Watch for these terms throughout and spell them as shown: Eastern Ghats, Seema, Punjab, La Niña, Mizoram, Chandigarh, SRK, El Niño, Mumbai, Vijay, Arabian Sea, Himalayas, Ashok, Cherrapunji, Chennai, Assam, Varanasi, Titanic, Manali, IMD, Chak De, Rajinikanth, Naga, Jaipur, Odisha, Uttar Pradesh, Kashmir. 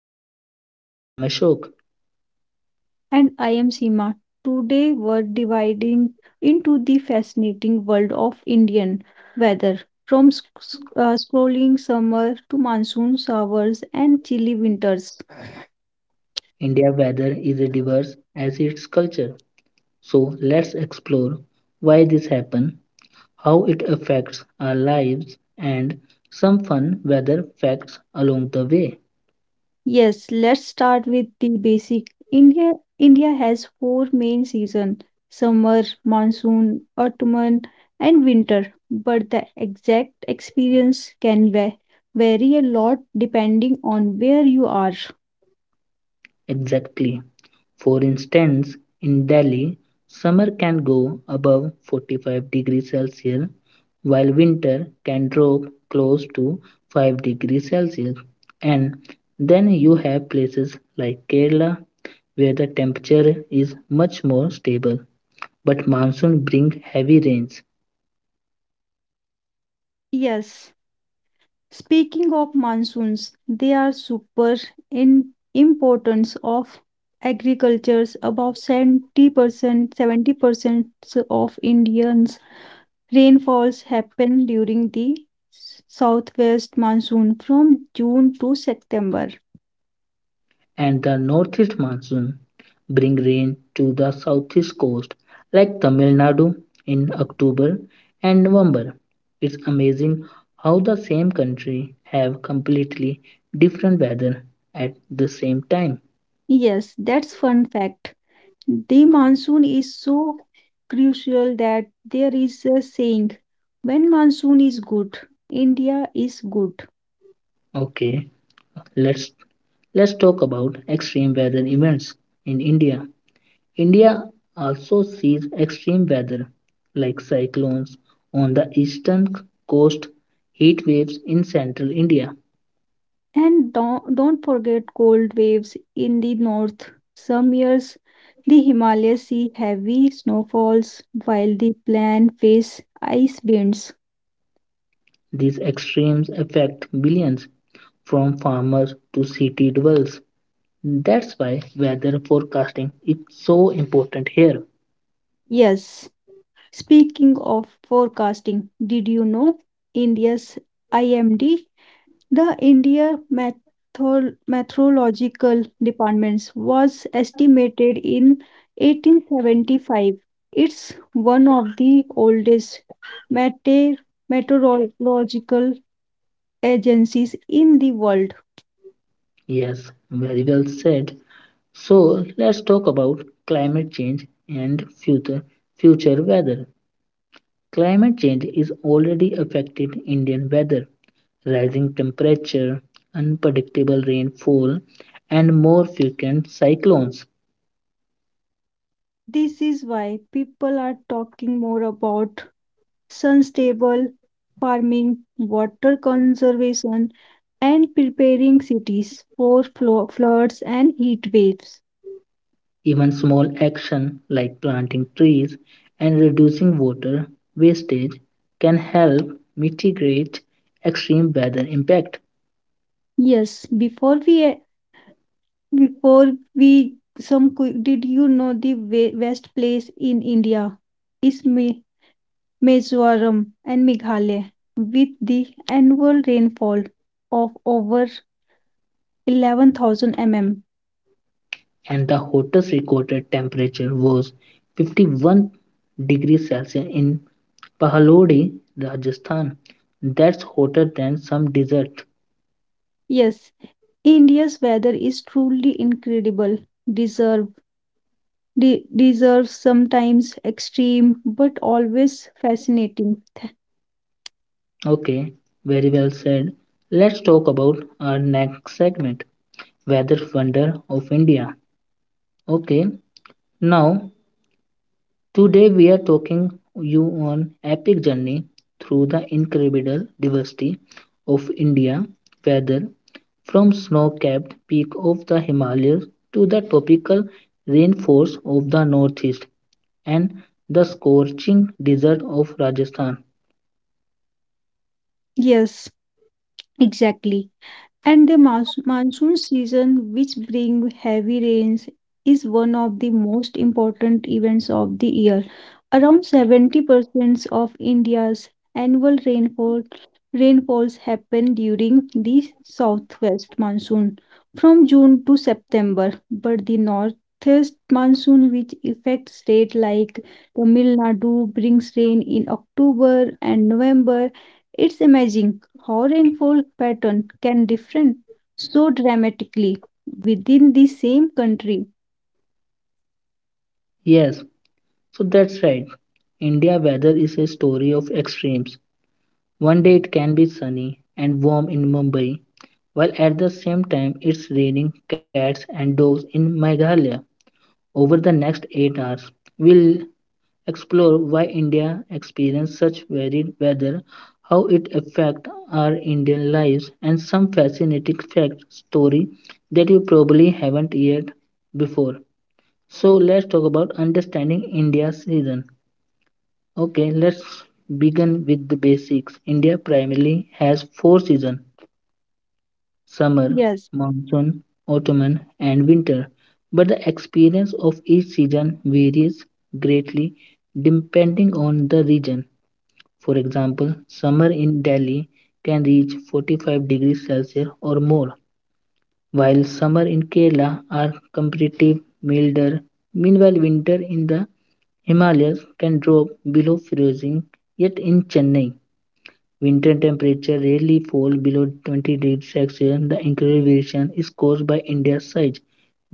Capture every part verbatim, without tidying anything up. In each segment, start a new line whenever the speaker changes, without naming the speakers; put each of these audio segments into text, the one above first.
of India. I am Ashok.
And I am Seema. Today we're dividing into the fascinating world of Indian weather. From sc- sc- uh, scrolling summer to monsoon showers and chilly winters.
India weather is diverse as its culture. So let's explore why this happens, how it affects our lives, and some fun weather facts along the way.
Yes, let's start with the basic. India India has four main seasons: summer, monsoon, autumn, and winter. But the exact experience can va- vary a lot depending on where you are.
Exactly. For instance, in Delhi, summer can go above forty-five degrees Celsius, while winter can drop close to five degrees Celsius. And then you have places like Kerala where the temperature is much more stable, but monsoon brings heavy rains
Yes. Speaking of monsoons, they are super in importance of agricultures. About seventy percent, seventy percent of Indians rainfalls happen during the s- southwest monsoon from June to September.
and the northeast monsoon bring rain to the southeast coast like Tamil Nadu in October and November. It's amazing how the same country have completely different weather at the same time.
Yes, that's fun fact. The monsoon is so crucial that there is a saying, when monsoon is good, India is good.
Okay, let's let's talk about extreme weather events in India. India also sees extreme weather like cyclones on the eastern coast, heat waves in central India.
And don't, don't forget cold waves in the north. Some years the Himalayas see heavy snowfalls while the plains face ice winds.
These extremes affect billions, from farmers to city dwellers. That's why weather forecasting is so important here.
Yes, speaking of forecasting, did you know India's I M D, the India Method- Meteorological Department was estimated in eighteen seventy-five. It's one of the oldest mete- meteorological agencies in the world.
Yes, very well said. So let's talk about climate change and future future weather. Climate change is already affected Indian weather. Rising temperature, unpredictable rainfall, and more frequent cyclones.
This is why people are talking more about sustainable farming, water conservation, and preparing cities for flo- floods and heat waves.
Even small action like planting trees and reducing water wastage can help mitigate extreme weather impact.
Yes, before we Before we some quick, did you know the we- best place in India is Mi- Mizoram and Meghalaya with the annual rainfall of over eleven thousand millimeters.
And the hottest recorded temperature was fifty-one degrees Celsius in Pahalodi, Rajasthan. That's hotter than some desert.
Yes, India's weather is truly incredible. Deserve de- Deserves sometimes extreme but always fascinating.
Okay, very well said. Let's talk about our next segment, Weather Wonder of India. Okay, now today we are taking you on epic journey through the incredible diversity of India weather, from snow-capped peak of the Himalayas to the tropical rainforest of the northeast and the scorching desert of Rajasthan.
Yes, exactly. And the mons- monsoon season, which bring heavy rains, is one of the most important events of the year. Around seventy percent of India's annual rainfall rainfalls happen during the southwest monsoon from June to September, but the northeast monsoon which affects states like Tamil Nadu brings rain in October and November. It's amazing how rainfall pattern can differ so dramatically within the same country.
Yes, so that's right. India weather is a story of extremes. One day it can be sunny and warm in Mumbai, while at the same time it's raining cats and dogs in Meghalaya. Over the next eight hours, we'll explore why India experiences such varied weather, how it affects our Indian lives, and some fascinating fact story that you probably haven't yet before. So let's talk about understanding India's season. Okay, let's begin with the basics. India primarily has four seasons: summer,
Yes,
monsoon, autumn, and winter, but the experience of each season varies greatly depending on the region. For example, summer in Delhi can reach forty-five degrees Celsius or more, while summer in Kerala are comparatively milder. Meanwhile, winter in the Himalayas can drop below freezing, yet in Chennai, winter temperatures rarely fall below twenty degrees Celsius. The increased variation is caused by India's size,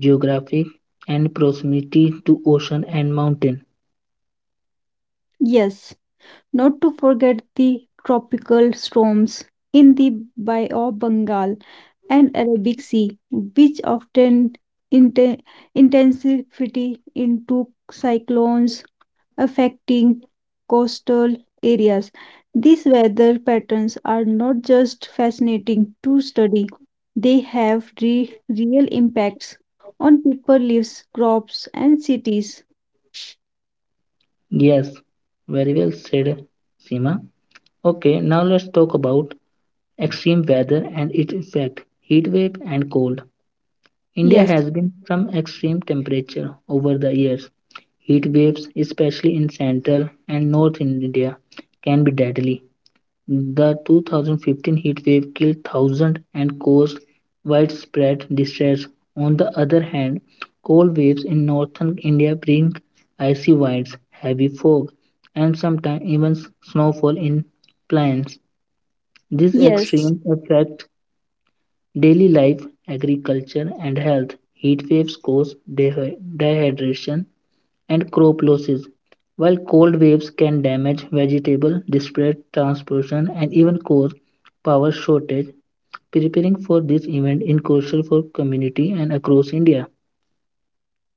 geographic and proximity to ocean and mountain.
yes. Not to forget the tropical storms in the Bay of Bengal and Arabic Sea, which often inten- intensify into cyclones affecting coastal areas. These weather patterns are not just fascinating to study, they have re- real impacts on people, lives, crops, and cities.
Yes, very well said, Seema. Okay, now let's talk about extreme weather and its effect, heat wave and cold. India
Yes,
has been some extreme temperature over the years. Heat waves, especially in central and north India, can be deadly. The two thousand fifteen heatwave killed thousands and caused widespread distress. On the other hand, cold waves in northern India bring icy winds, heavy fog, and sometimes even snowfall in plains. These
yes.
extremes affect daily life, agriculture, and health. Heat waves cause dehy- dehydration, and crop losses. While cold waves can damage vegetable, disrupt transportation, and even cause power shortage, preparing for this event is crucial for community and across India.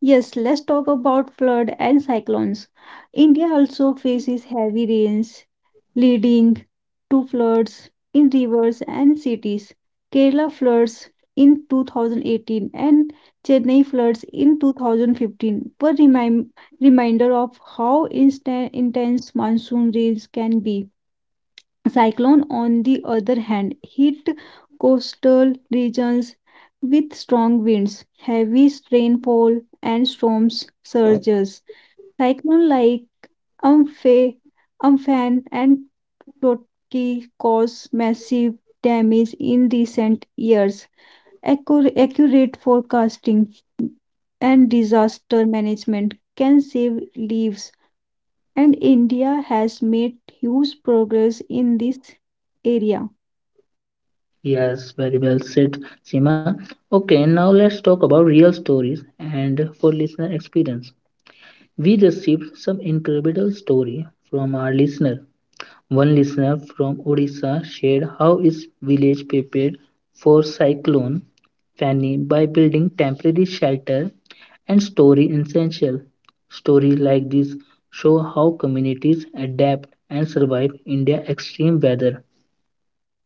Yes, let's talk about flood and cyclones. India also faces heavy rains leading to floods in rivers and cities. Kerala floods in two thousand eighteen and Chennai floods in twenty fifteen were remind, reminder of how instant, intense monsoon rains can be. Cyclone, on the other hand, hit coastal regions with strong winds, heavy rainfall, and storm surges. Cyclone like Amphe, Amphan and Totki cause massive damage in recent years. Accur- Accurate forecasting and disaster management can save lives and India has made huge progress in this area.
Yes, very well said, Sima. Okay, now let's talk about real stories and for listener experience. We received some incredible story from our listener. One listener from Odisha shared how his village prepared for cyclone Fanny by building temporary shelter and story essential. Stories like this show how communities adapt and survive in their extreme weather.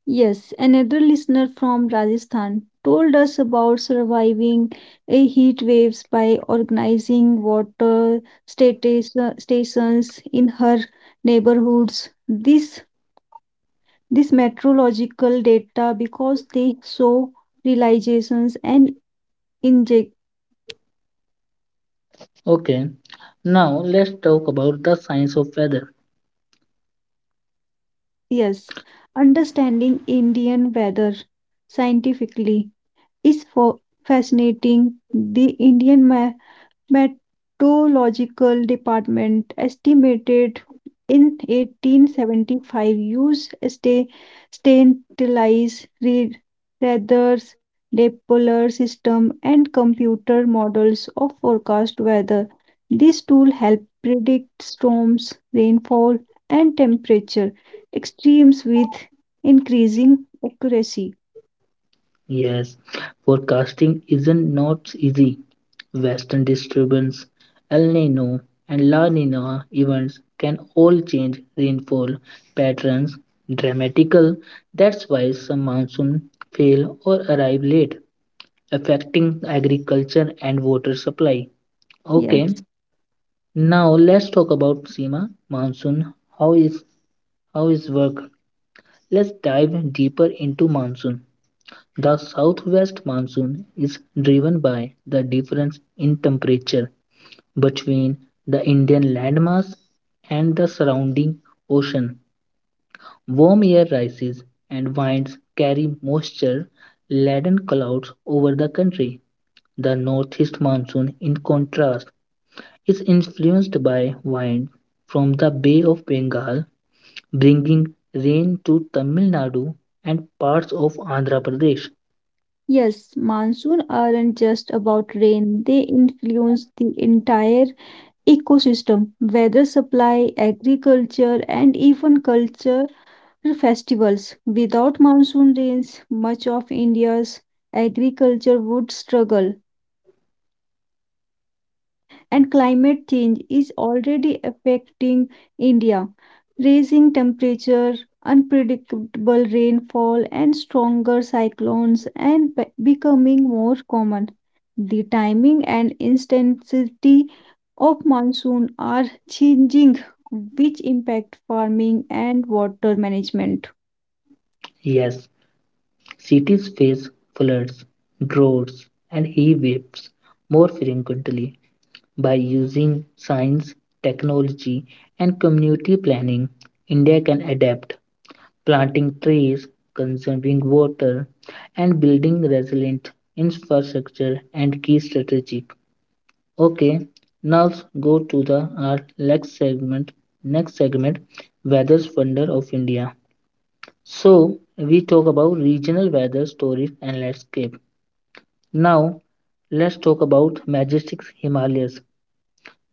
Yes, another listener from Rajasthan told us about surviving a heat waves by organizing water statis- stations in her neighborhoods. This this meteorological data because they saw realizations and inject.
Okay, now let's talk about the science of weather.
Yes, understanding Indian weather scientifically is for fascinating. The Indian Meteorological Department estimated in eighteen seventy-five use sta- stateless re- radars, Doppler system, and computer models of forecast weather. These tools help predict storms, rainfall, and temperature extremes with increasing accuracy.
Yes, forecasting isn't not easy. Western disturbance, El Nino, and La Nina events can all change rainfall patterns dramatically. That's why some monsoon fail or arrive late, affecting agriculture and water supply. Okay,
Yes.
now let's talk about Sima monsoon. How is how is work? Let's dive deeper into monsoon. The southwest monsoon is driven by the difference in temperature between the Indian landmass and the surrounding ocean. Warm air rises and winds carry moisture laden clouds over the country. The northeast monsoon, in contrast, is influenced by wind from the Bay of Bengal, bringing rain to Tamil Nadu and parts of Andhra Pradesh.
Yes, monsoon aren't just about rain, they influence the entire ecosystem, weather supply, agriculture, and even culture festivals. Without monsoon rains, much of India's agriculture would struggle. And climate change is already affecting India, raising temperature, unpredictable rainfall, and stronger cyclones and be- becoming more common. The timing and intensity of monsoon are changing, which impact farming and water management.
Yes, cities face floods, droughts, and heat waves more frequently. By using science, technology, and community planning, India can adapt, planting trees, conserving water, and building resilient infrastructure and key strategic. Okay, now go to the our next segment. Next segment, weather's wonder of India. So we talk about regional weather stories and landscape. Now let's talk about majestic Himalayas.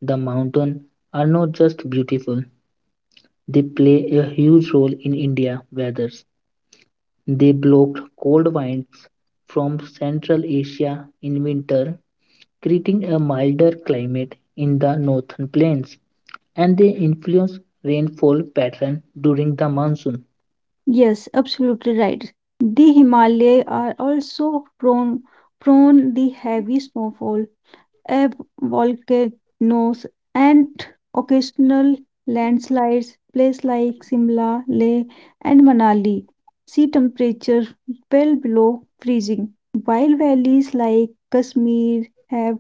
The mountains are not just beautiful; they play a huge role in India weathers. They blocked cold winds from Central Asia in winter, creating a milder climate in the northern plains, and they influence rainfall pattern during the monsoon.
Yes, absolutely right. The Himalayas are also prone prone the heavy snowfall ebb volcanoes, and occasional landslides. Places like Simla, Leh, and Manali see temperature well below freezing, while valleys like Kashmir have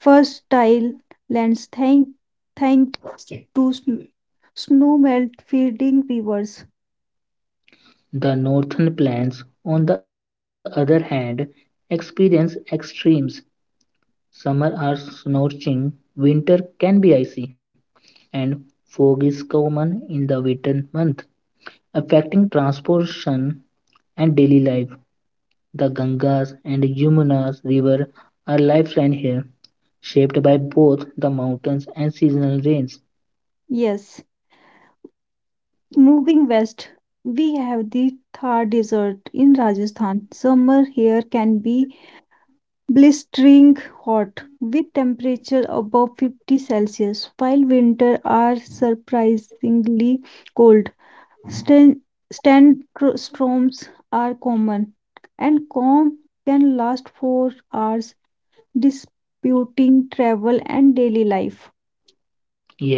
fertile lands thank, thank to sn- snowmelt feeding rivers.
The northern plains, on the other hand, experience extremes. Summer are scorching, winter can be icy, and fog is common in the winter months, affecting transportation and daily life. The Gangas and Yamuna rivers are lifeline here, shaped by both the mountains and seasonal rains.
Yes, moving west, we have the Thar Desert in Rajasthan. Summer here can be blistering hot with temperature above fifty celsius while winter are surprisingly cold. Stan- Sandstorms are common and calm can last for hours disputing travel and daily life.
Yes,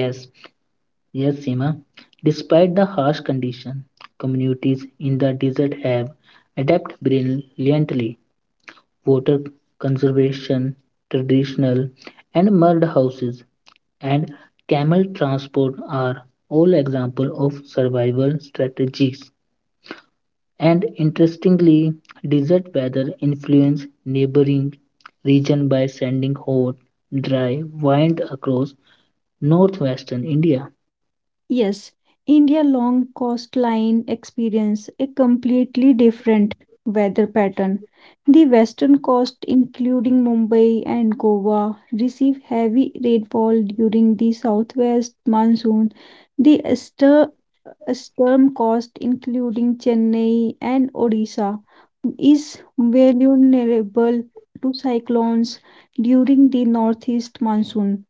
yes, Seema. Despite the harsh condition, communities in the desert have adapted brilliantly. Water conservation, traditional and mud houses, and camel transport are all examples of survival strategies. And interestingly, desert weather influence neighboring region by sending hot, dry wind across northwestern India.
Yes, India long coastline experience a completely different weather pattern. The western coast, including Mumbai and Goa, receive heavy rainfall during the southwest monsoon. The easter- eastern coast, including Chennai and Odisha, is vulnerable to cyclones during the northeast monsoon.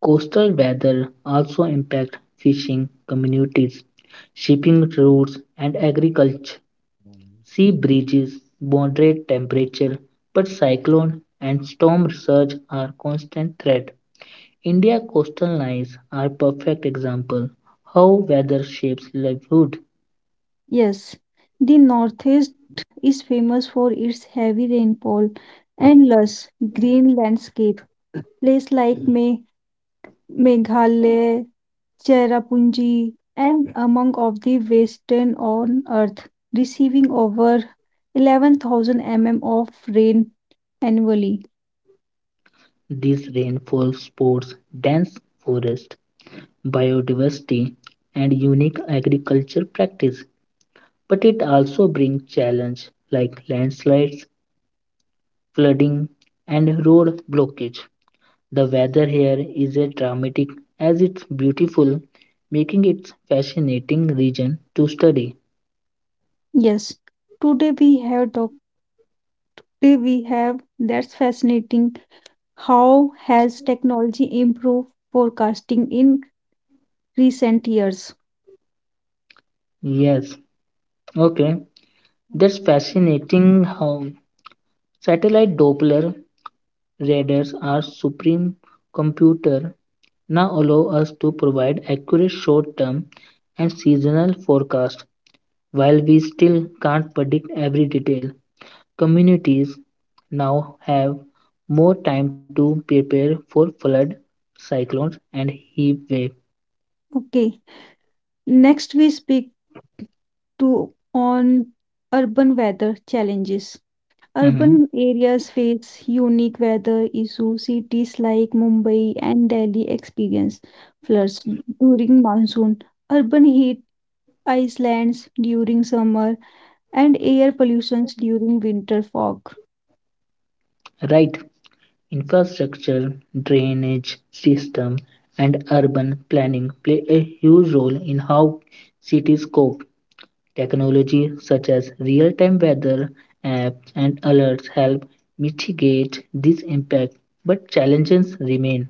Coastal weather also impact fishing communities, shipping routes, and agriculture. Sea breezes moderate temperature, but cyclone and storm surge are constant threat. India coastal lines are perfect example how weather shapes livelihood.
Yes, the northeast is famous for its heavy rainfall, endless green landscape. Places like Me Meghalaya, Cherrapunji, and among of the western on earth, receiving over eleven thousand millimeters of rain annually.
These rainfall sports dense forest, biodiversity, and unique agriculture practice, but it also brings challenge like landslides, flooding, and road blockage. The weather here is as dramatic as it's beautiful, making it a fascinating region to study.
Yes, today we have talk. Today we have that's fascinating. How has technology improved forecasting in recent years?
Yes, okay. That's
Mhm.
fascinating how satellite Doppler radars are supreme computer now allow us to provide accurate short term and seasonal forecast, while we still can't predict every detail. Communities now have more time to prepare for flood, cyclones, and heat wave.
Okay, next we speak to on urban weather challenges.
Mhm.
Urban areas face unique weather issues. Cities like Mumbai and Delhi experience floods during monsoon, urban heat islands during summer, and air pollutions during winter fog.
Right. Infrastructure, drainage system, and urban planning play a huge role in how cities cope. Technology such as real-time weather apps and alerts help mitigate this impact, but challenges remain.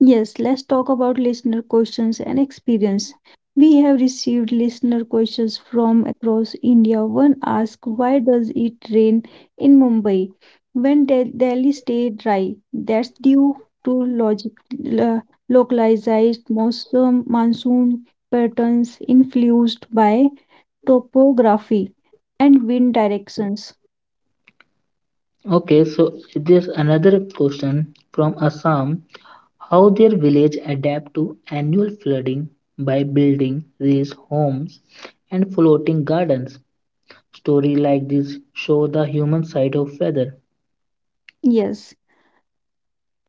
Yes, let's talk about listener questions and experience. We have received listener questions from across India. One asks, why does it rain in Mumbai when Del- Delhi stay dry? That's due to logic, lo- localized monsoon, monsoon patterns influenced by topography and wind directions.
Okay, so there's another question from Assam, how their village adapt to annual flooding by building these homes and floating gardens. Stories like this show the human side of weather.
Yes,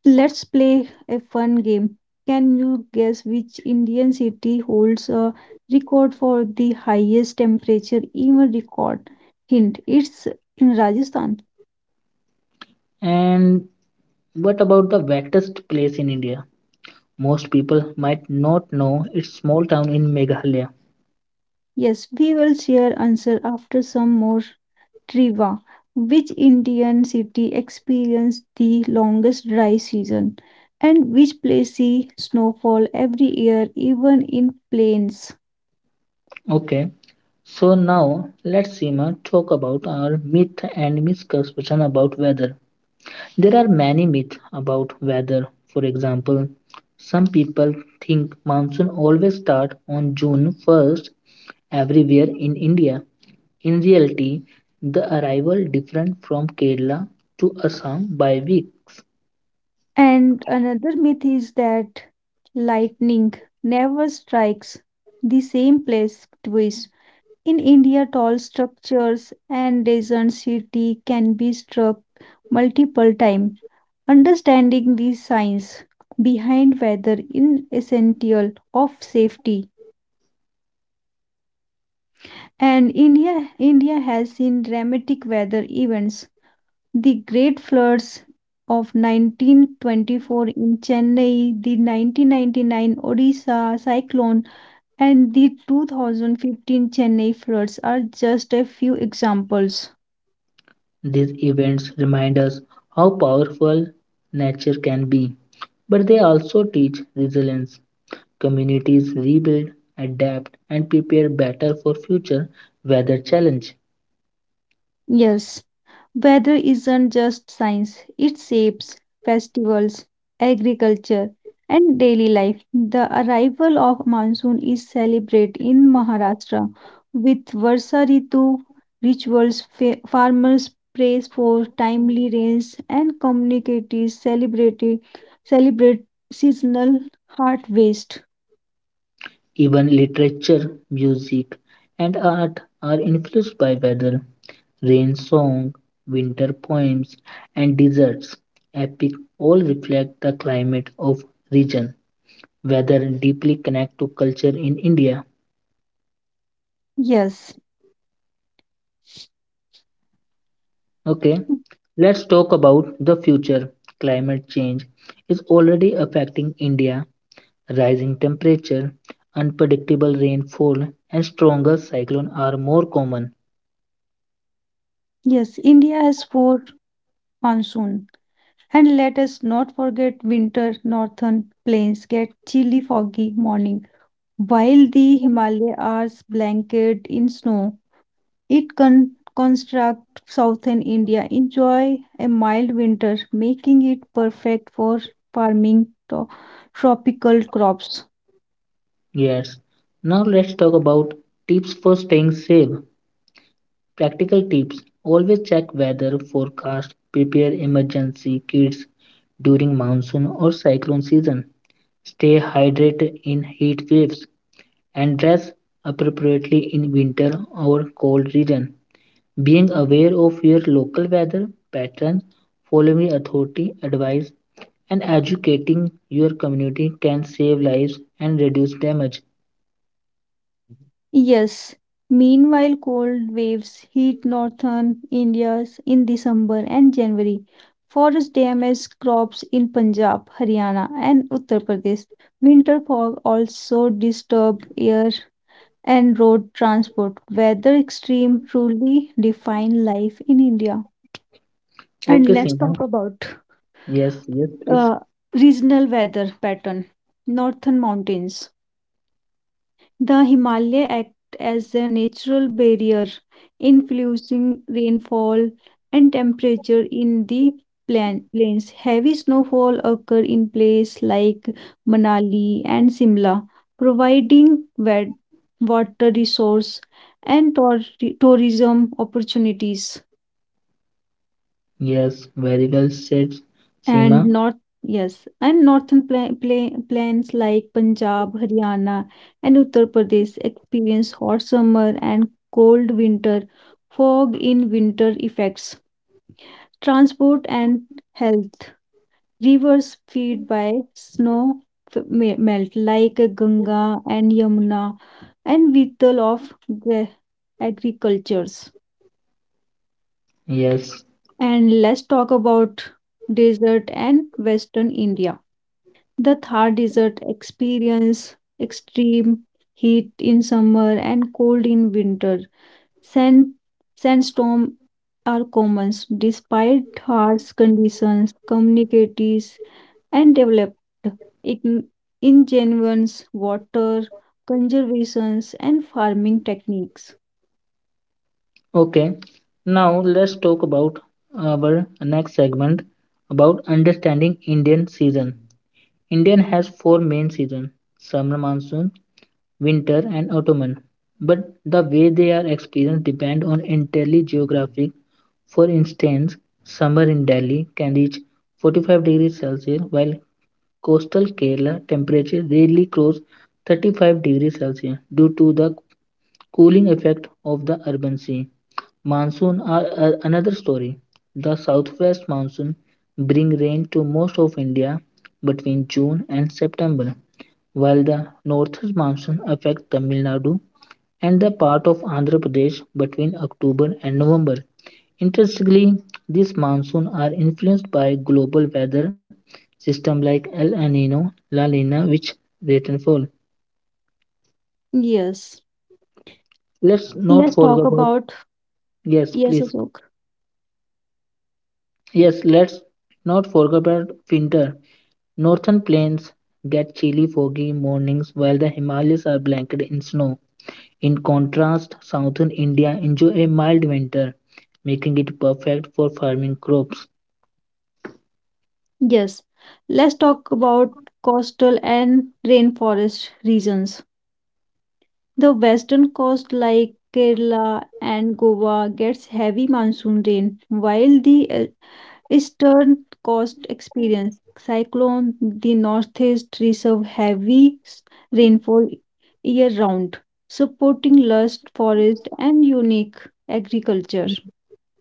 let's play a fun game. Can you guess which Indian city holds a record for the highest temperature ever record? Hint, it's in Rajasthan.
And what about the wettest place in India? Most people might not know its small town in Meghalaya.
Yes, we will share answer after some more trivia. Which Indian city experienced the longest dry season? And which place see snowfall every year even in plains?
Okay, so now let's Seema talk about our myth and misconception about weather. There are many myths about weather. For example, some people think monsoon always starts on June first everywhere in India. In reality, the arrival different from Kerala to Assam by weeks.
And another myth is that lightning never strikes the same place twice. In India, tall structures and desert city can be struck multiple times. Understanding the science behind weather is essential of safety. And India, India has seen dramatic weather events. The great floods of nineteen twenty-four in Chennai, the nineteen ninety-nine Odisha cyclone, and the two thousand fifteen Chennai floods are just a few examples.
These events remind us how powerful nature can be, but they also teach resilience. Communities rebuild, adapt and prepare better for future weather challenge.
Yes, weather isn't just science, it shapes festivals, agriculture, and daily life. The arrival of monsoon is celebrated in Maharashtra with Varsa Ritu rituals. Fa- farmers praise for timely rains and communities celebrate celebrate seasonal harvest.
Even literature, music, and art are influenced by weather, rain song, winter poems, and deserts. Epic all reflect the climate of region. Weather deeply connect to culture in India.
Yes,
Okay, let's talk about the future. Climate change is already affecting India. Rising temperature, unpredictable rainfall, and stronger cyclone are more common.
yes, India has four monsoon. And let us not forget winter northern plains get chilly foggy morning while the Himalayas are blanketed in snow. It can construct southern India enjoy a mild winter making it perfect for farming to- tropical crops.
Yes. Now let's talk about tips for staying safe. Practical tips. Always check weather forecast, prepare emergency kits during monsoon or cyclone season. Stay hydrated in heat waves and dress appropriately in winter or cold region. Being aware of your local weather patterns, following authority advice and educating your community can save lives and reduce damage.
Yes. Meanwhile, cold waves hit northern India in December and January. Forest damage crops in Punjab, Haryana, and Uttar Pradesh. Winter fog also disturbs air and road transport. Weather extreme truly define life in India. And
Okay,
let's talk
Seema.
about
Yes, yes, please.
uh, regional weather pattern. Northern mountains. The Himalaya act as a natural barrier, influencing rainfall and temperature in the plan- plains. Heavy snowfall occur in places like Manali and Simla, providing wet water resource and tour- tourism opportunities.
Yes, very well said,
And
Seema.
north, yes, and northern pla pla plains like Punjab, Haryana, and Uttar Pradesh experience hot summer and cold winter, fog in winter effects, transport and health. Rivers feed by snow f- me- melt like Ganga and Yamuna, and vital of the agricultures.
Yes.
And let's talk about desert and western India. The Thar Desert experience extreme heat in summer and cold in winter. Sand, Sandstorm are common despite harsh conditions. Communities and developed in- ingenuous water conservations and farming techniques.
Okay. Now let's talk about our next segment about understanding Indian season. Indian has four main seasons: summer monsoon, winter, and autumn. But the way they are experienced depend on entirely geographic. For instance, summer in Delhi can reach forty-five degrees Celsius, while Coastal Kerala temperatures rarely cross thirty-five degrees Celsius due to the cooling effect of the urban sea. Monsoon are are another story. The southwest monsoon bring rain to most of India between June and September, while the northeast monsoon affects Tamil Nadu and the part of Andhra Pradesh between October and November. Interestingly, these monsoons are influenced by global weather systems like El Nino, La Nina, which rate and fall.
Yes,
Let's
let's
not
talk
forget about
about
yes,
yes,
please.
Ashok.
Yes, let's not forget about winter. Northern plains get chilly, foggy mornings while the Himalayas are blanketed in snow. In contrast, southern India enjoy a mild winter, making it perfect for farming crops.
Yes, let's talk about coastal and rainforest regions. The western coast, like Kerala and Goa, gets heavy monsoon rain, while the uh, eastern coast experience cyclone. The northeast receives heavy s- rainfall year round, supporting lush forest and unique agriculture.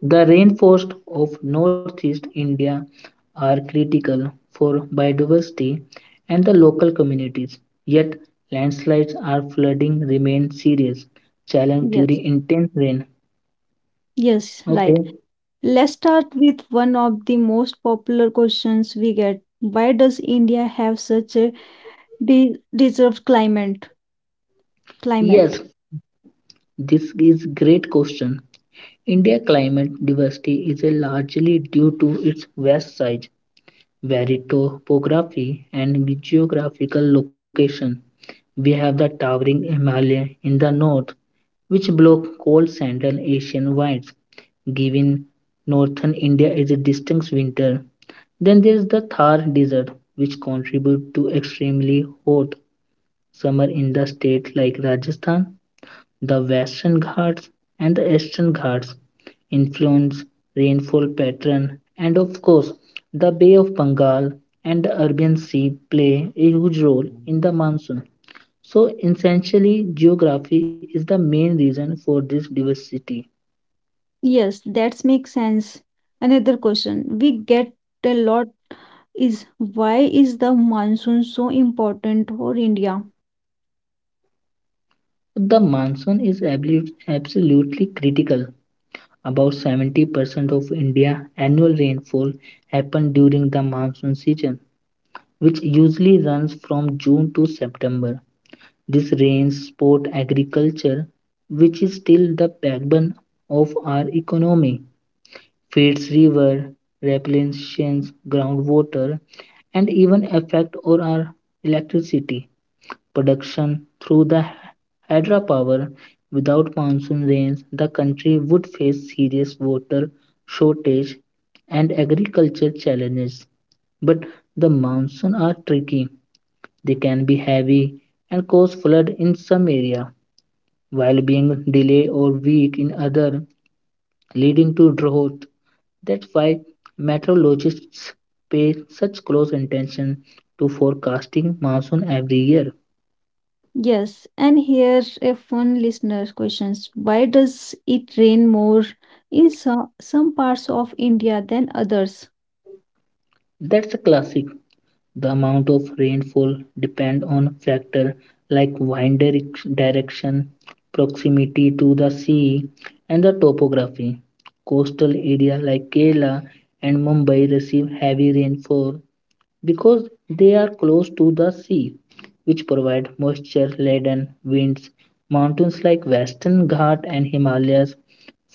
The rainforests of northeast India are critical for biodiversity and the local communities. Yet, landslides or flooding remain serious challenge during
Yes,
intense rain.
yes, right.
Okay,
Let's start with one of the most popular questions we get. Why does India have such a de- deserved climate?
yes,
Climate.
this is great question. India climate diversity is a largely due to its vast size, varied topography, and geographical location. We have the towering Himalaya in the north, which block cold Central Asian winds, giving northern India is a distinct winter. Then there is the Thar Desert, which contributes to extremely hot summer in the states like Rajasthan, the Western Ghats, and the Eastern Ghats. Influence, rainfall pattern, and of course, the Bay of Bengal and the Arabian Sea play a huge role in the monsoon. So, essentially, geography is the main reason for this diversity.
Yes, that makes sense. Another question we get a lot is why is the monsoon so important for India?
The monsoon is abli- absolutely critical. About seventy percent of India's annual rainfall happens during the monsoon season, which usually runs from June to September. This rains support agriculture, which is still the backbone of our economy, feeds river, replenishes groundwater, and even affect our our electricity production through the hydropower. Without monsoon rains, the country would face serious water shortage and agriculture challenges. But the monsoons are tricky. They can be heavy and cause flood in some area while being delayed or weak in other, leading to drought. That's why meteorologists pay such close attention to forecasting monsoon every year.
Yes, and here a fun listener's questions. Why does it rain more in so- some parts of India than others?
That's a classic. The amount of rainfall depends on factors like wind direction, proximity to the sea, and the topography. Coastal areas like Kerala and Mumbai receive heavy rainfall because they are close to the sea, which provide moisture-laden winds. Mountains like Western Ghats and Himalayas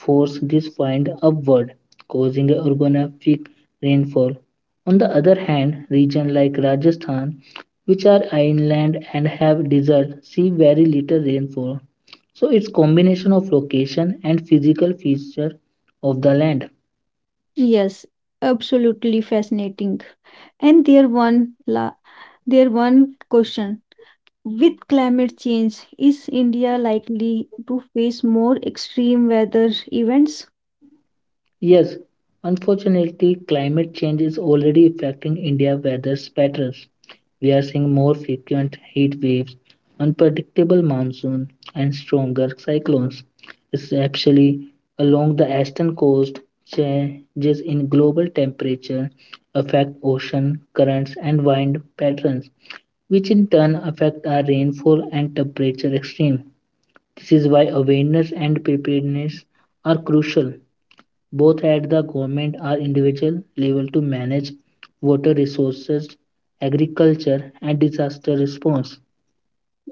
force this wind upward, causing a orographic rainfall. On the other hand, regions like Rajasthan, which are inland and have desert, see very little rainfall. So it's combination of location and physical feature of the land.
Yes, absolutely fascinating. And there one la there one question. With climate change, is India likely to face more extreme weather events?
Yes, unfortunately, climate change is already affecting India's weather patterns. We are seeing more frequent heat waves, unpredictable monsoon, and stronger cyclones. It's actually along the eastern coast, changes in global temperature affect ocean currents and wind patterns, which in turn affect our rainfall and temperature extreme. This is why awareness and preparedness are crucial both at the government or individual level to manage water resources, agriculture, and disaster response.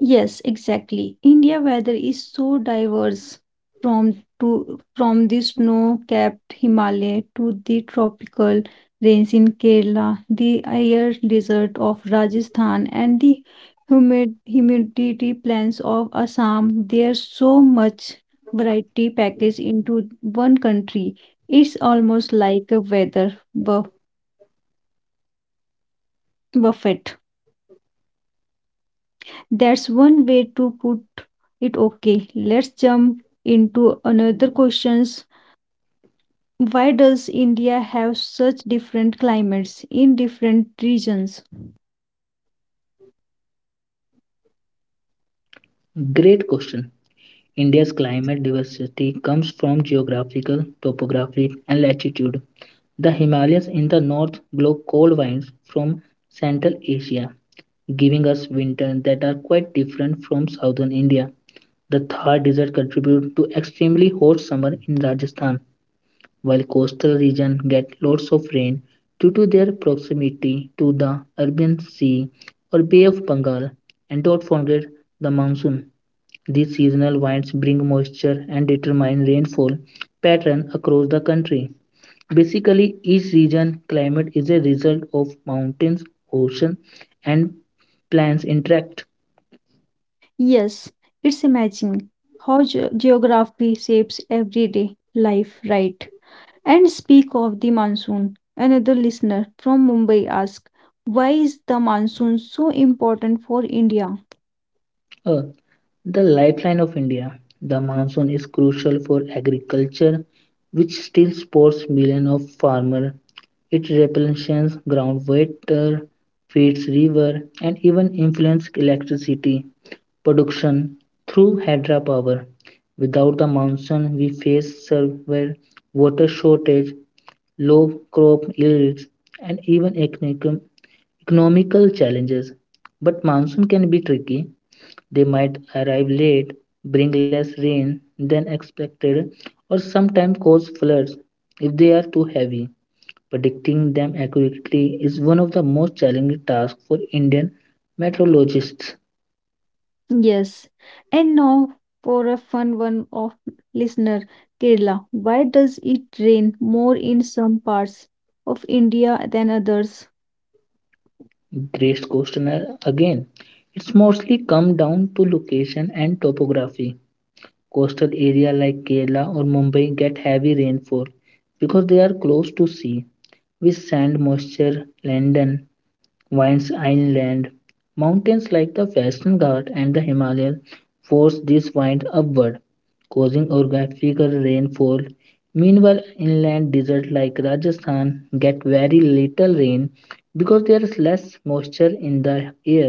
Yes, exactly. India weather is so diverse from to from the snow-capped Himalaya to the tropical rains in Kerala, the air desert of Rajasthan and the humid humidity plains of Assam. There's so much variety packaged into one country. It's almost like a weather bu buffet. That's one way to put it okay. Let's jump into another questions. Why does India have such different climates in different regions?
Great question. India's climate diversity comes from geographical, topographic, and latitude. The Himalayas in the north block cold winds from Central Asia, giving us winters that are quite different from southern India. The Thar Desert contributes to extremely hot summer in Rajasthan while coastal regions get lots of rain due to their proximity to the Arabian Sea or Bay of Bengal. And don't forget the monsoon. These seasonal winds bring moisture and determine rainfall pattern across the country. Basically, each region climate is a result of mountains, ocean, and plants interact.
Yes, it's amazing how ge- geography shapes everyday life, right? And speak of the monsoon. Another listener from Mumbai asked, why is the monsoon so important for India?
Uh, The lifeline of India, the monsoon is crucial for agriculture, which still supports millions of farmers. It replenishes groundwater, feeds river, and even influences electricity production through hydropower. Without the monsoon, we face severe water shortage, low crop yields, and even economic- economical challenges. But monsoon can be tricky, they might arrive late, bring less rain than expected, or sometimes cause floods if they are too heavy. Predicting them accurately is one of the most challenging tasks for Indian meteorologists.
Yes. And now for a fun one of listener Kerala. Why does it rain more in some parts of India than others?
Great question again. It's mostly come down to location and topography. Coastal areas like Kerala or Mumbai get heavy rainfall because they are close to sea, which sand moisture, land and Wines Island. Mountains like the Western Ghats and the Himalayas force this wind upward, causing orographic rainfall. Meanwhile, inland deserts like Rajasthan get very little rain because there is less moisture in the air.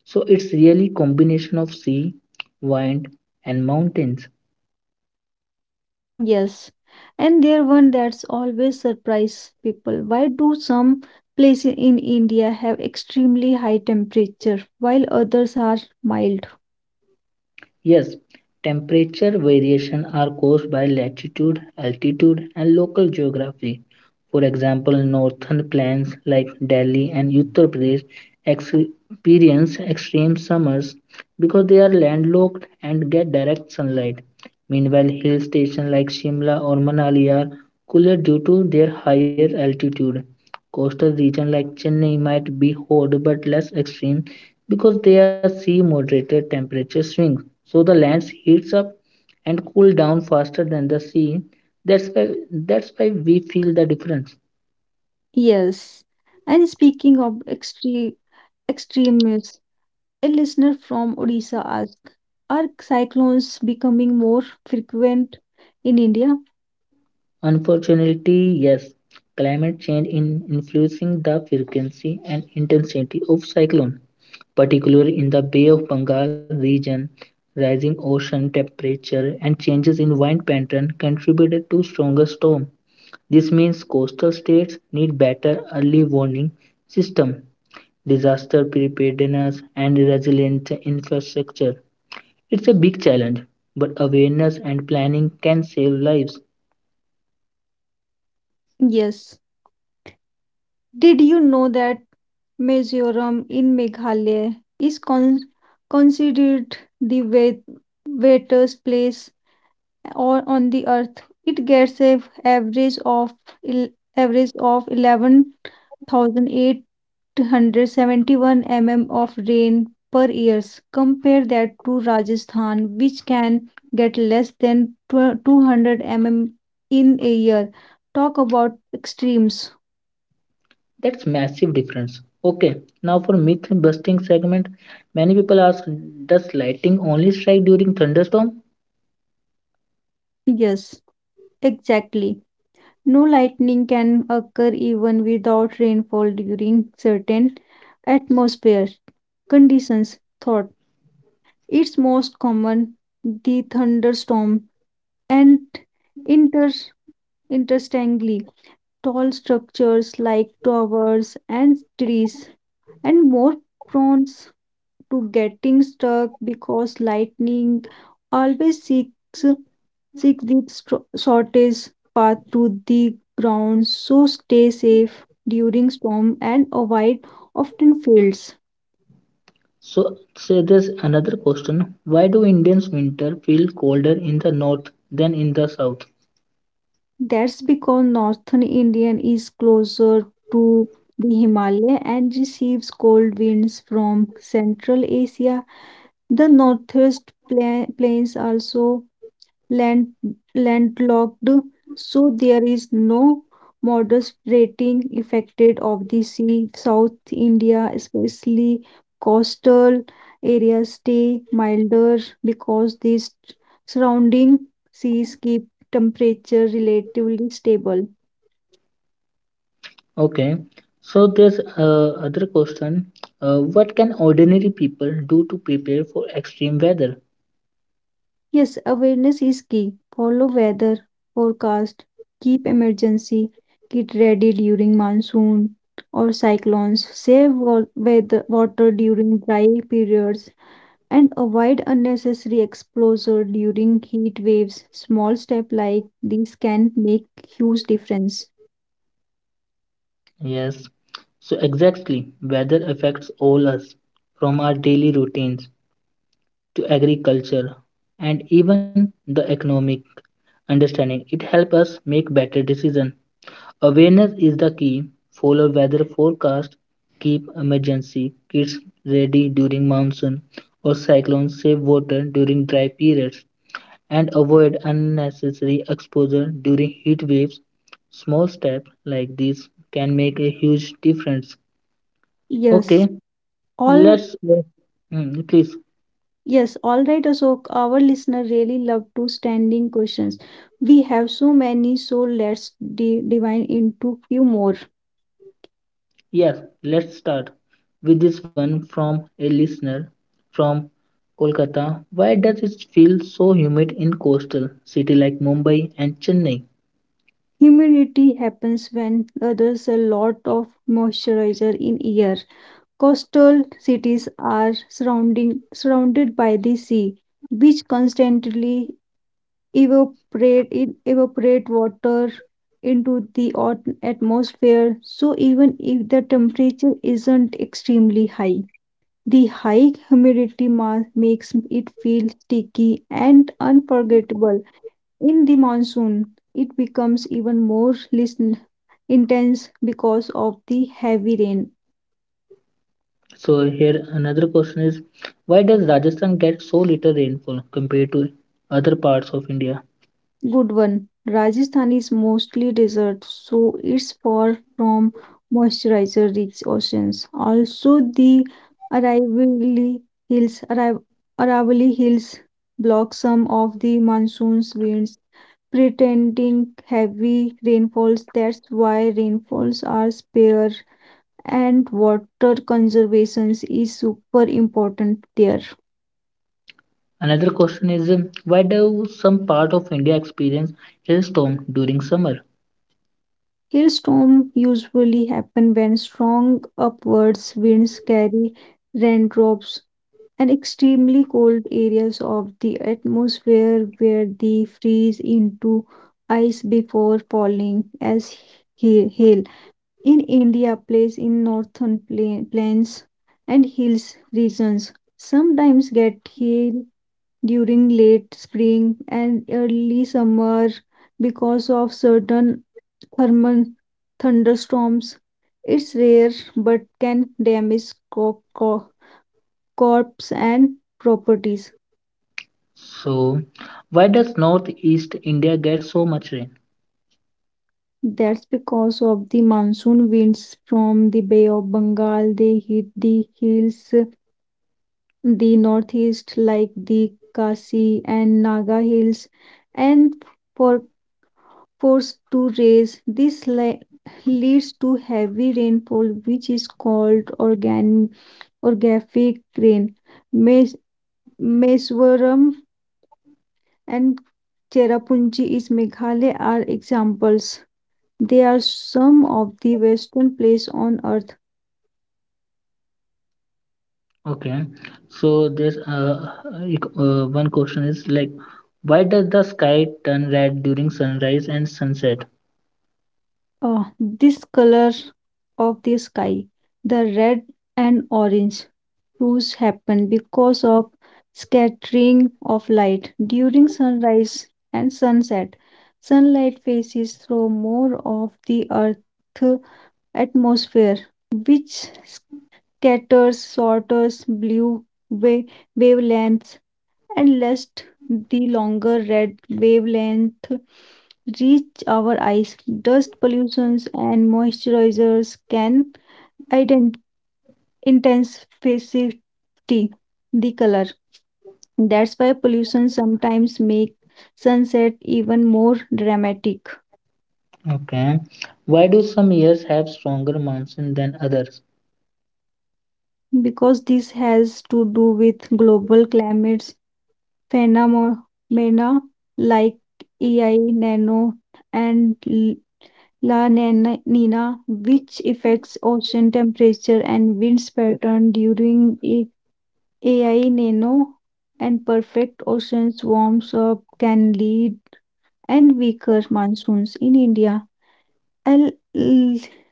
So it's really combination of sea, wind, and mountains.
Yes. And there one that's always surprise people. Why do some places in India have extremely high temperature while others are mild?
Yes, temperature variation are caused by latitude, altitude, and local geography. For example, northern plains like Delhi and Uttar Pradesh experience extreme summers because they are landlocked and get direct sunlight. Meanwhile, hill stations like Shimla or Manali are cooler due to their higher altitude. Coastal regions like Chennai might be hot but less extreme because they are sea moderated temperature swings so the land heats up and cools down faster than the sea. That's why that's why we feel the difference.
Yes. And speaking of extreme extremes, a listener from Odisha asked, are cyclones becoming more frequent in India?
Unfortunately, yes, climate change in influencing the frequency and intensity of cyclone, particularly in the Bay of Bengal region. Rising ocean temperature and changes in wind pattern contributed to stronger storm. This means coastal states need better early warning system disaster preparedness, and resilient infrastructure. It's a big challenge, but awareness and planning can save lives.
Yes. Did you know that Mizoram in Meghalaya is con- considered the wet- wettest place or on the earth? It gets a average of el- average of eleven thousand eight hundred eight hundred seventy-one millimeters of rain per year. Compare that to Rajasthan, which can get less than two hundred millimeters in a year. Talk about extremes.
That's massive difference. Okay, now for myth busting segment. Many people ask, does lightning only strike during thunderstorm?
Yes, exactly. No, lightning can occur even without rainfall during certain atmosphere conditions. Thought it's most common the thunderstorm and inter interestingly tall structures like towers and trees, and more prone to getting stuck because lightning always seeks, seeks the stro- shortest path to the ground. So stay safe during storm and avoid often fields.
So, say there's another question. Why do Indians winter feel colder in the north than in the south?
That's because northern Indian is closer to the Himalaya and receives cold winds from Central Asia. The northwest pla- plains also land landlocked, so there is no moderating effected of the sea. South India, especially coastal areas, stay milder because these surrounding seas keep temperature relatively stable.
Okay, so there's uh, other question. Uh, what can ordinary people do to prepare for extreme weather?
Yes, awareness is key. Follow weather forecast, keep emergency kit ready during monsoon or cyclones, save wa- weather, water during dry periods, and avoid unnecessary exposure during heat waves. Small steps like these can make huge difference.
Yes. So exactly, weather affects all us, from our daily routines to agriculture and even the economic understanding. It helps us make better decisions. Awareness is the key. Follow weather forecast, keep emergency kits ready during monsoon or cyclone, save water during dry periods, and avoid unnecessary exposure during heat waves. Small steps like these can make a huge difference.
Yes,
Okay,
all
let's. Hmm, please,
yes, all right, Ashok. Our listener really love to standing questions. We have so many, so let's de divine into few more.
yes, let's start with this one from a listener from Kolkata. Why does it feel so humid in coastal city like Mumbai and Chennai?
Humidity happens when there's a lot of moisturizer in air. Coastal cities are surrounding surrounded by the sea, which constantly evaporate in evaporate water into the ot- atmosphere. So even if the temperature isn't extremely high, the high humidity ma- makes it feel sticky and unforgettable. In the monsoon, it becomes even more listen- intense because of the heavy rain.
So here another question is, why does Rajasthan get so little rainfall compared to other parts of India?
Good one. Rajasthan is mostly desert, so it's far from moisturizer rich oceans. Also, the Aravalli Hills, Ara- Aravalli Hills block some of the monsoon's winds, pretending heavy rainfalls. That's why rainfalls are spare and water conservation is super important there.
Another question is, um, why do some part of India experience hailstorm during summer?
Hailstorms usually happen when strong upwards winds carry raindrops and extremely cold areas of the atmosphere where they freeze into ice before falling as ha- hail. In India, places in northern pla- plains and hills regions sometimes get hail during late spring and early summer because of certain thermal thunderstorms. It's rare but can damage co- co- crops and properties.
So why does Northeast India get so much rain?
That's because of the monsoon winds from the Bay of Bengal. They hit the hills, the northeast, like the Khasi and Naga hills, and for forced to raise. This le- leads to heavy rainfall, which is called organ- orographic rain. Mes- Meswaram and Cherrapunji is Meghalaya are examples. They are some of the western place on earth.
Okay, so there's uh, ec- uh, one question is like, why does the sky turn red during sunrise and sunset?
Uh, this color of the sky, the red and orange hues happen because of scattering of light during sunrise and sunset. Sunlight passes through more of the Earth's atmosphere, which scatters shorter blue wa- wavelengths and lest the longer red wavelength reach our eyes. Dust pollutions and moisturizers can ident- intensify the color. That's why pollution sometimes make sunset even more dramatic
Okay, why do some years have stronger monsoon than others?
because this has to do with global climates phenomena like E I nano and La Nina, Nina, which affects ocean temperature and winds pattern during a AI Nano and perfect oceans warms up can lead and weaker monsoons in India. El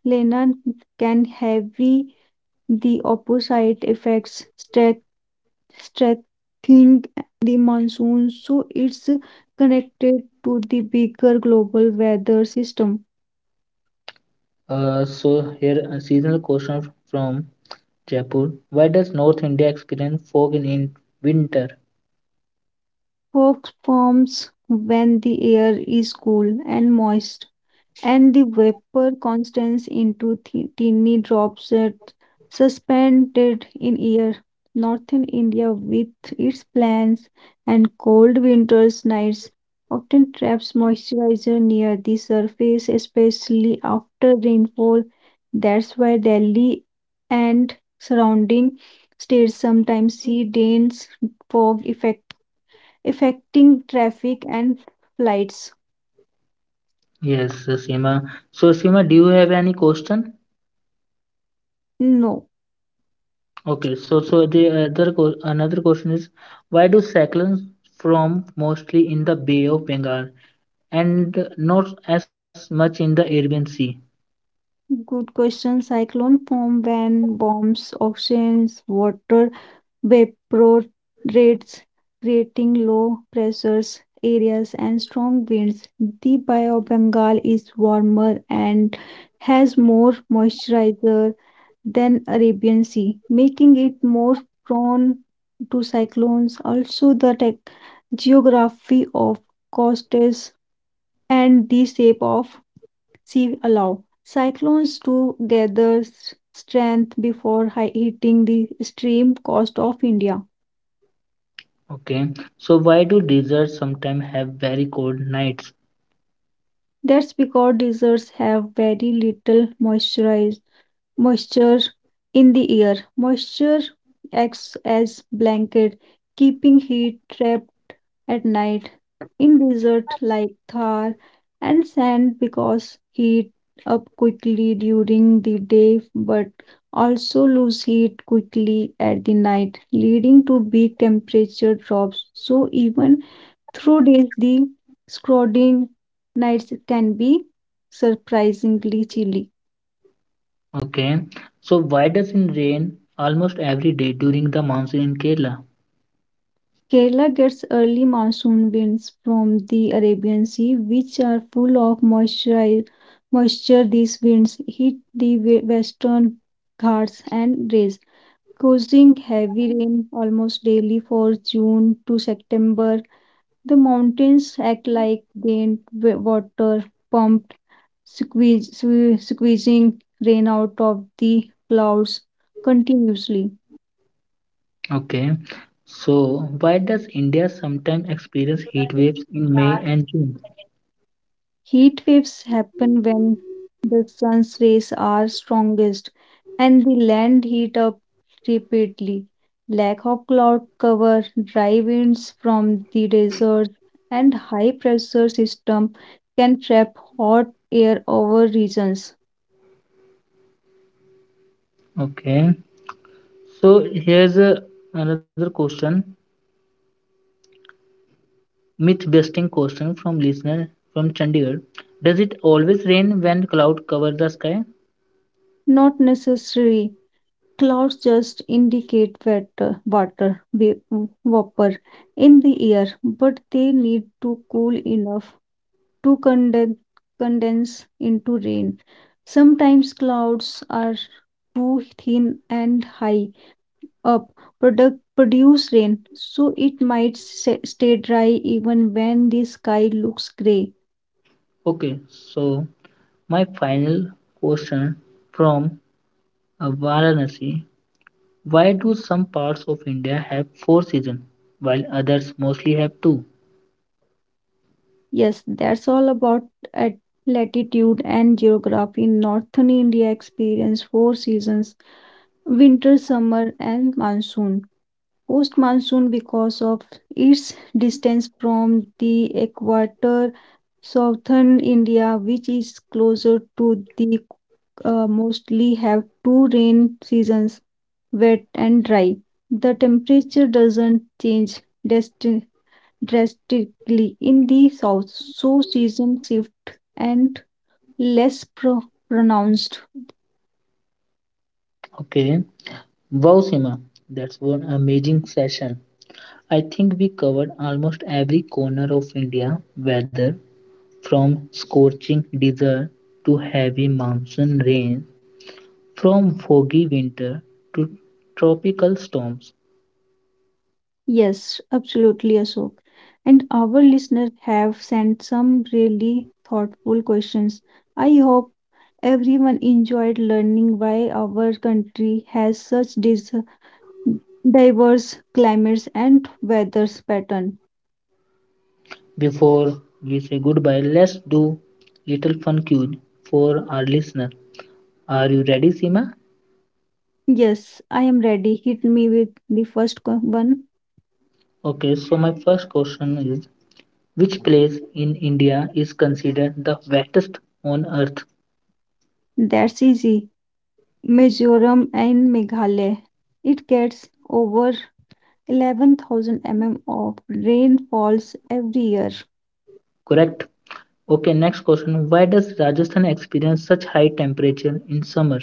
Lena can heavy the opposite effects, strength- strengthening the monsoon, so it's connected to the bigger global weather system.
Uh, so here a seasonal question from Jaipur. Why does North India experience fog in, in winter?
Fog forms when the air is cool and moist, and the vapor condenses into thi- tiny drops that suspended in air. Northern India, with its plains and cold winters nights, often traps moisturizer near the surface, especially after rainfall. That's why Delhi and surrounding states sometimes see dense fog effect affecting traffic and flights?
Yes, uh, Seema. So Seema, do you have any question?
No.
Okay, so so the other co- another question is, why do cyclones form mostly in the Bay of Bengal and not as much in the Arabian Sea?
Good question. Cyclone form when bombs, oceans, water evaporates, creating low pressures areas and strong winds. The Bay of Bengal is warmer and has more moisturizer than Arabian Sea, making it more prone to cyclones. Also, the tech- geography of coast is and the shape of sea allow cyclones to gather s- strength before hi- hitting the extreme coast of India.
Okay, so why do deserts sometimes have very cold nights?
That's because deserts have very little moisture moisture in the air. Moisture acts as blanket, keeping heat trapped at night. In desert like Thar and sand because heat up quickly during the day but also lose heat quickly at the night, leading to big temperature drops. So even through days the scalding nights can be surprisingly chilly.
Okay, so why does it rain almost every day during the monsoon in Kerala?
Kerala gets early monsoon winds from the Arabian Sea, which are full of moisture. Moisture these winds hit the we- western Ghats and Rays, causing heavy rain almost daily for June to September. The mountains act like gained wa- water pumped, squeeze, sque- squeezing rain out of the clouds continuously.
Okay, so why does India sometimes experience heat waves in May and June?
Heat waves happen when the sun's rays are strongest and the land heat up repeatedly. Lack of cloud cover, dry winds from the desert, and high pressure system can trap hot air over regions.
Okay, so here's a, another question, myth busting question from listener from Chandigarh. Does it always rain when cloud cover the sky?
Not necessary. Clouds just indicate water, water va- vapor in the air, but they need to cool enough to conden- condense into rain. Sometimes clouds are too thin and high up product produce rain, so it might sa- stay dry even when the sky looks gray.
Okay, so my final question from uh, Varanasi. Why do some parts of India have four seasons while others mostly have two?
Yes, that's all about at latitude and geography. Northern India experience four seasons: winter, summer, and monsoon. Post monsoon because of its distance from the equator. Southern India, which is closer to the uh, mostly have two rain seasons, wet and dry. The temperature doesn't change drasti- drastically in the south, so season shift and less pro- pronounced.
Okay, wow, Sima, that's one amazing session. I think we covered almost every corner of India, whether from scorching desert to heavy monsoon rain, from foggy winter to tropical storms.
Yes, absolutely, Ashok. And our listeners have sent some really thoughtful questions. I hope everyone enjoyed learning why our country has such dis- diverse climates and weather pattern.
Before we say goodbye, let's do little fun quiz for our listener. Are you ready, Sima?
Yes, I am ready. Hit me with the first co- one.
Okay, so my first question is, which place in India is considered the wettest on earth?
That's easy. Mizoram and Meghalaya. It gets over eleven thousand millimeters of rainfalls every year.
Correct. Okay, next question. Why does Rajasthan experience such high temperature in summer?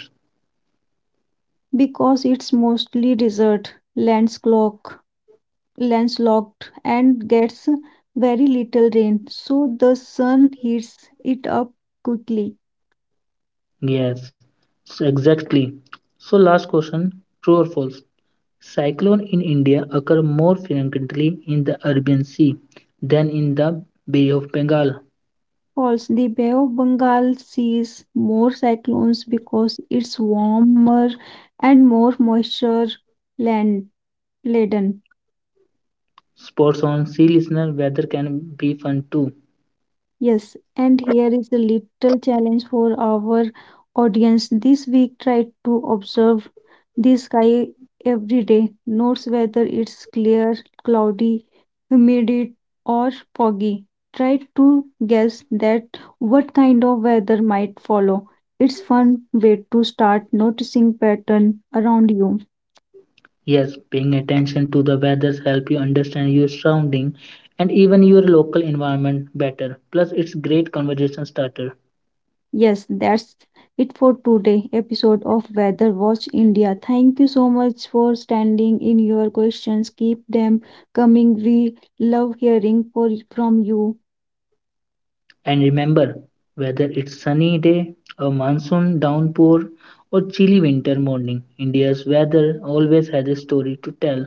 Because it's mostly desert, landslocked, landslocked and gets very little rain, so the sun heats it up quickly.
Yes, so exactly. So last question, true or false? Cyclone in India occur more frequently in the Arabian Sea than in the Bay of Bengal.
False, the Bay of Bengal sees more cyclones because it's warmer and more moisture land laden.
Sports on. See, listener, weather can be fun too.
Yes, and here is a little challenge for our audience. This week, try to observe the sky every day. Notice whether it's clear, cloudy, humid, or foggy. Try to guess that what kind of weather might follow. It's fun way to start noticing pattern around you.
Yes, paying attention to the weather helps you understand your surrounding and even your local environment better. Plus, it's great conversation starter.
Yes, that's it for today episode of Weather Watch India. Thank you so much for standing in your questions. Keep them coming. We love hearing for, from you.
And remember, whether it's sunny day, a monsoon downpour, or chilly winter morning, India's weather always has a story to tell.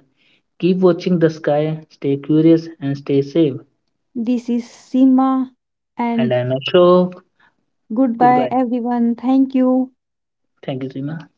Keep watching the sky, stay curious, and stay safe.
This is Sima
And
and
I'm Ashok.
goodbye
Goodbye.
everyone. Thank you.
Thank you, Seema.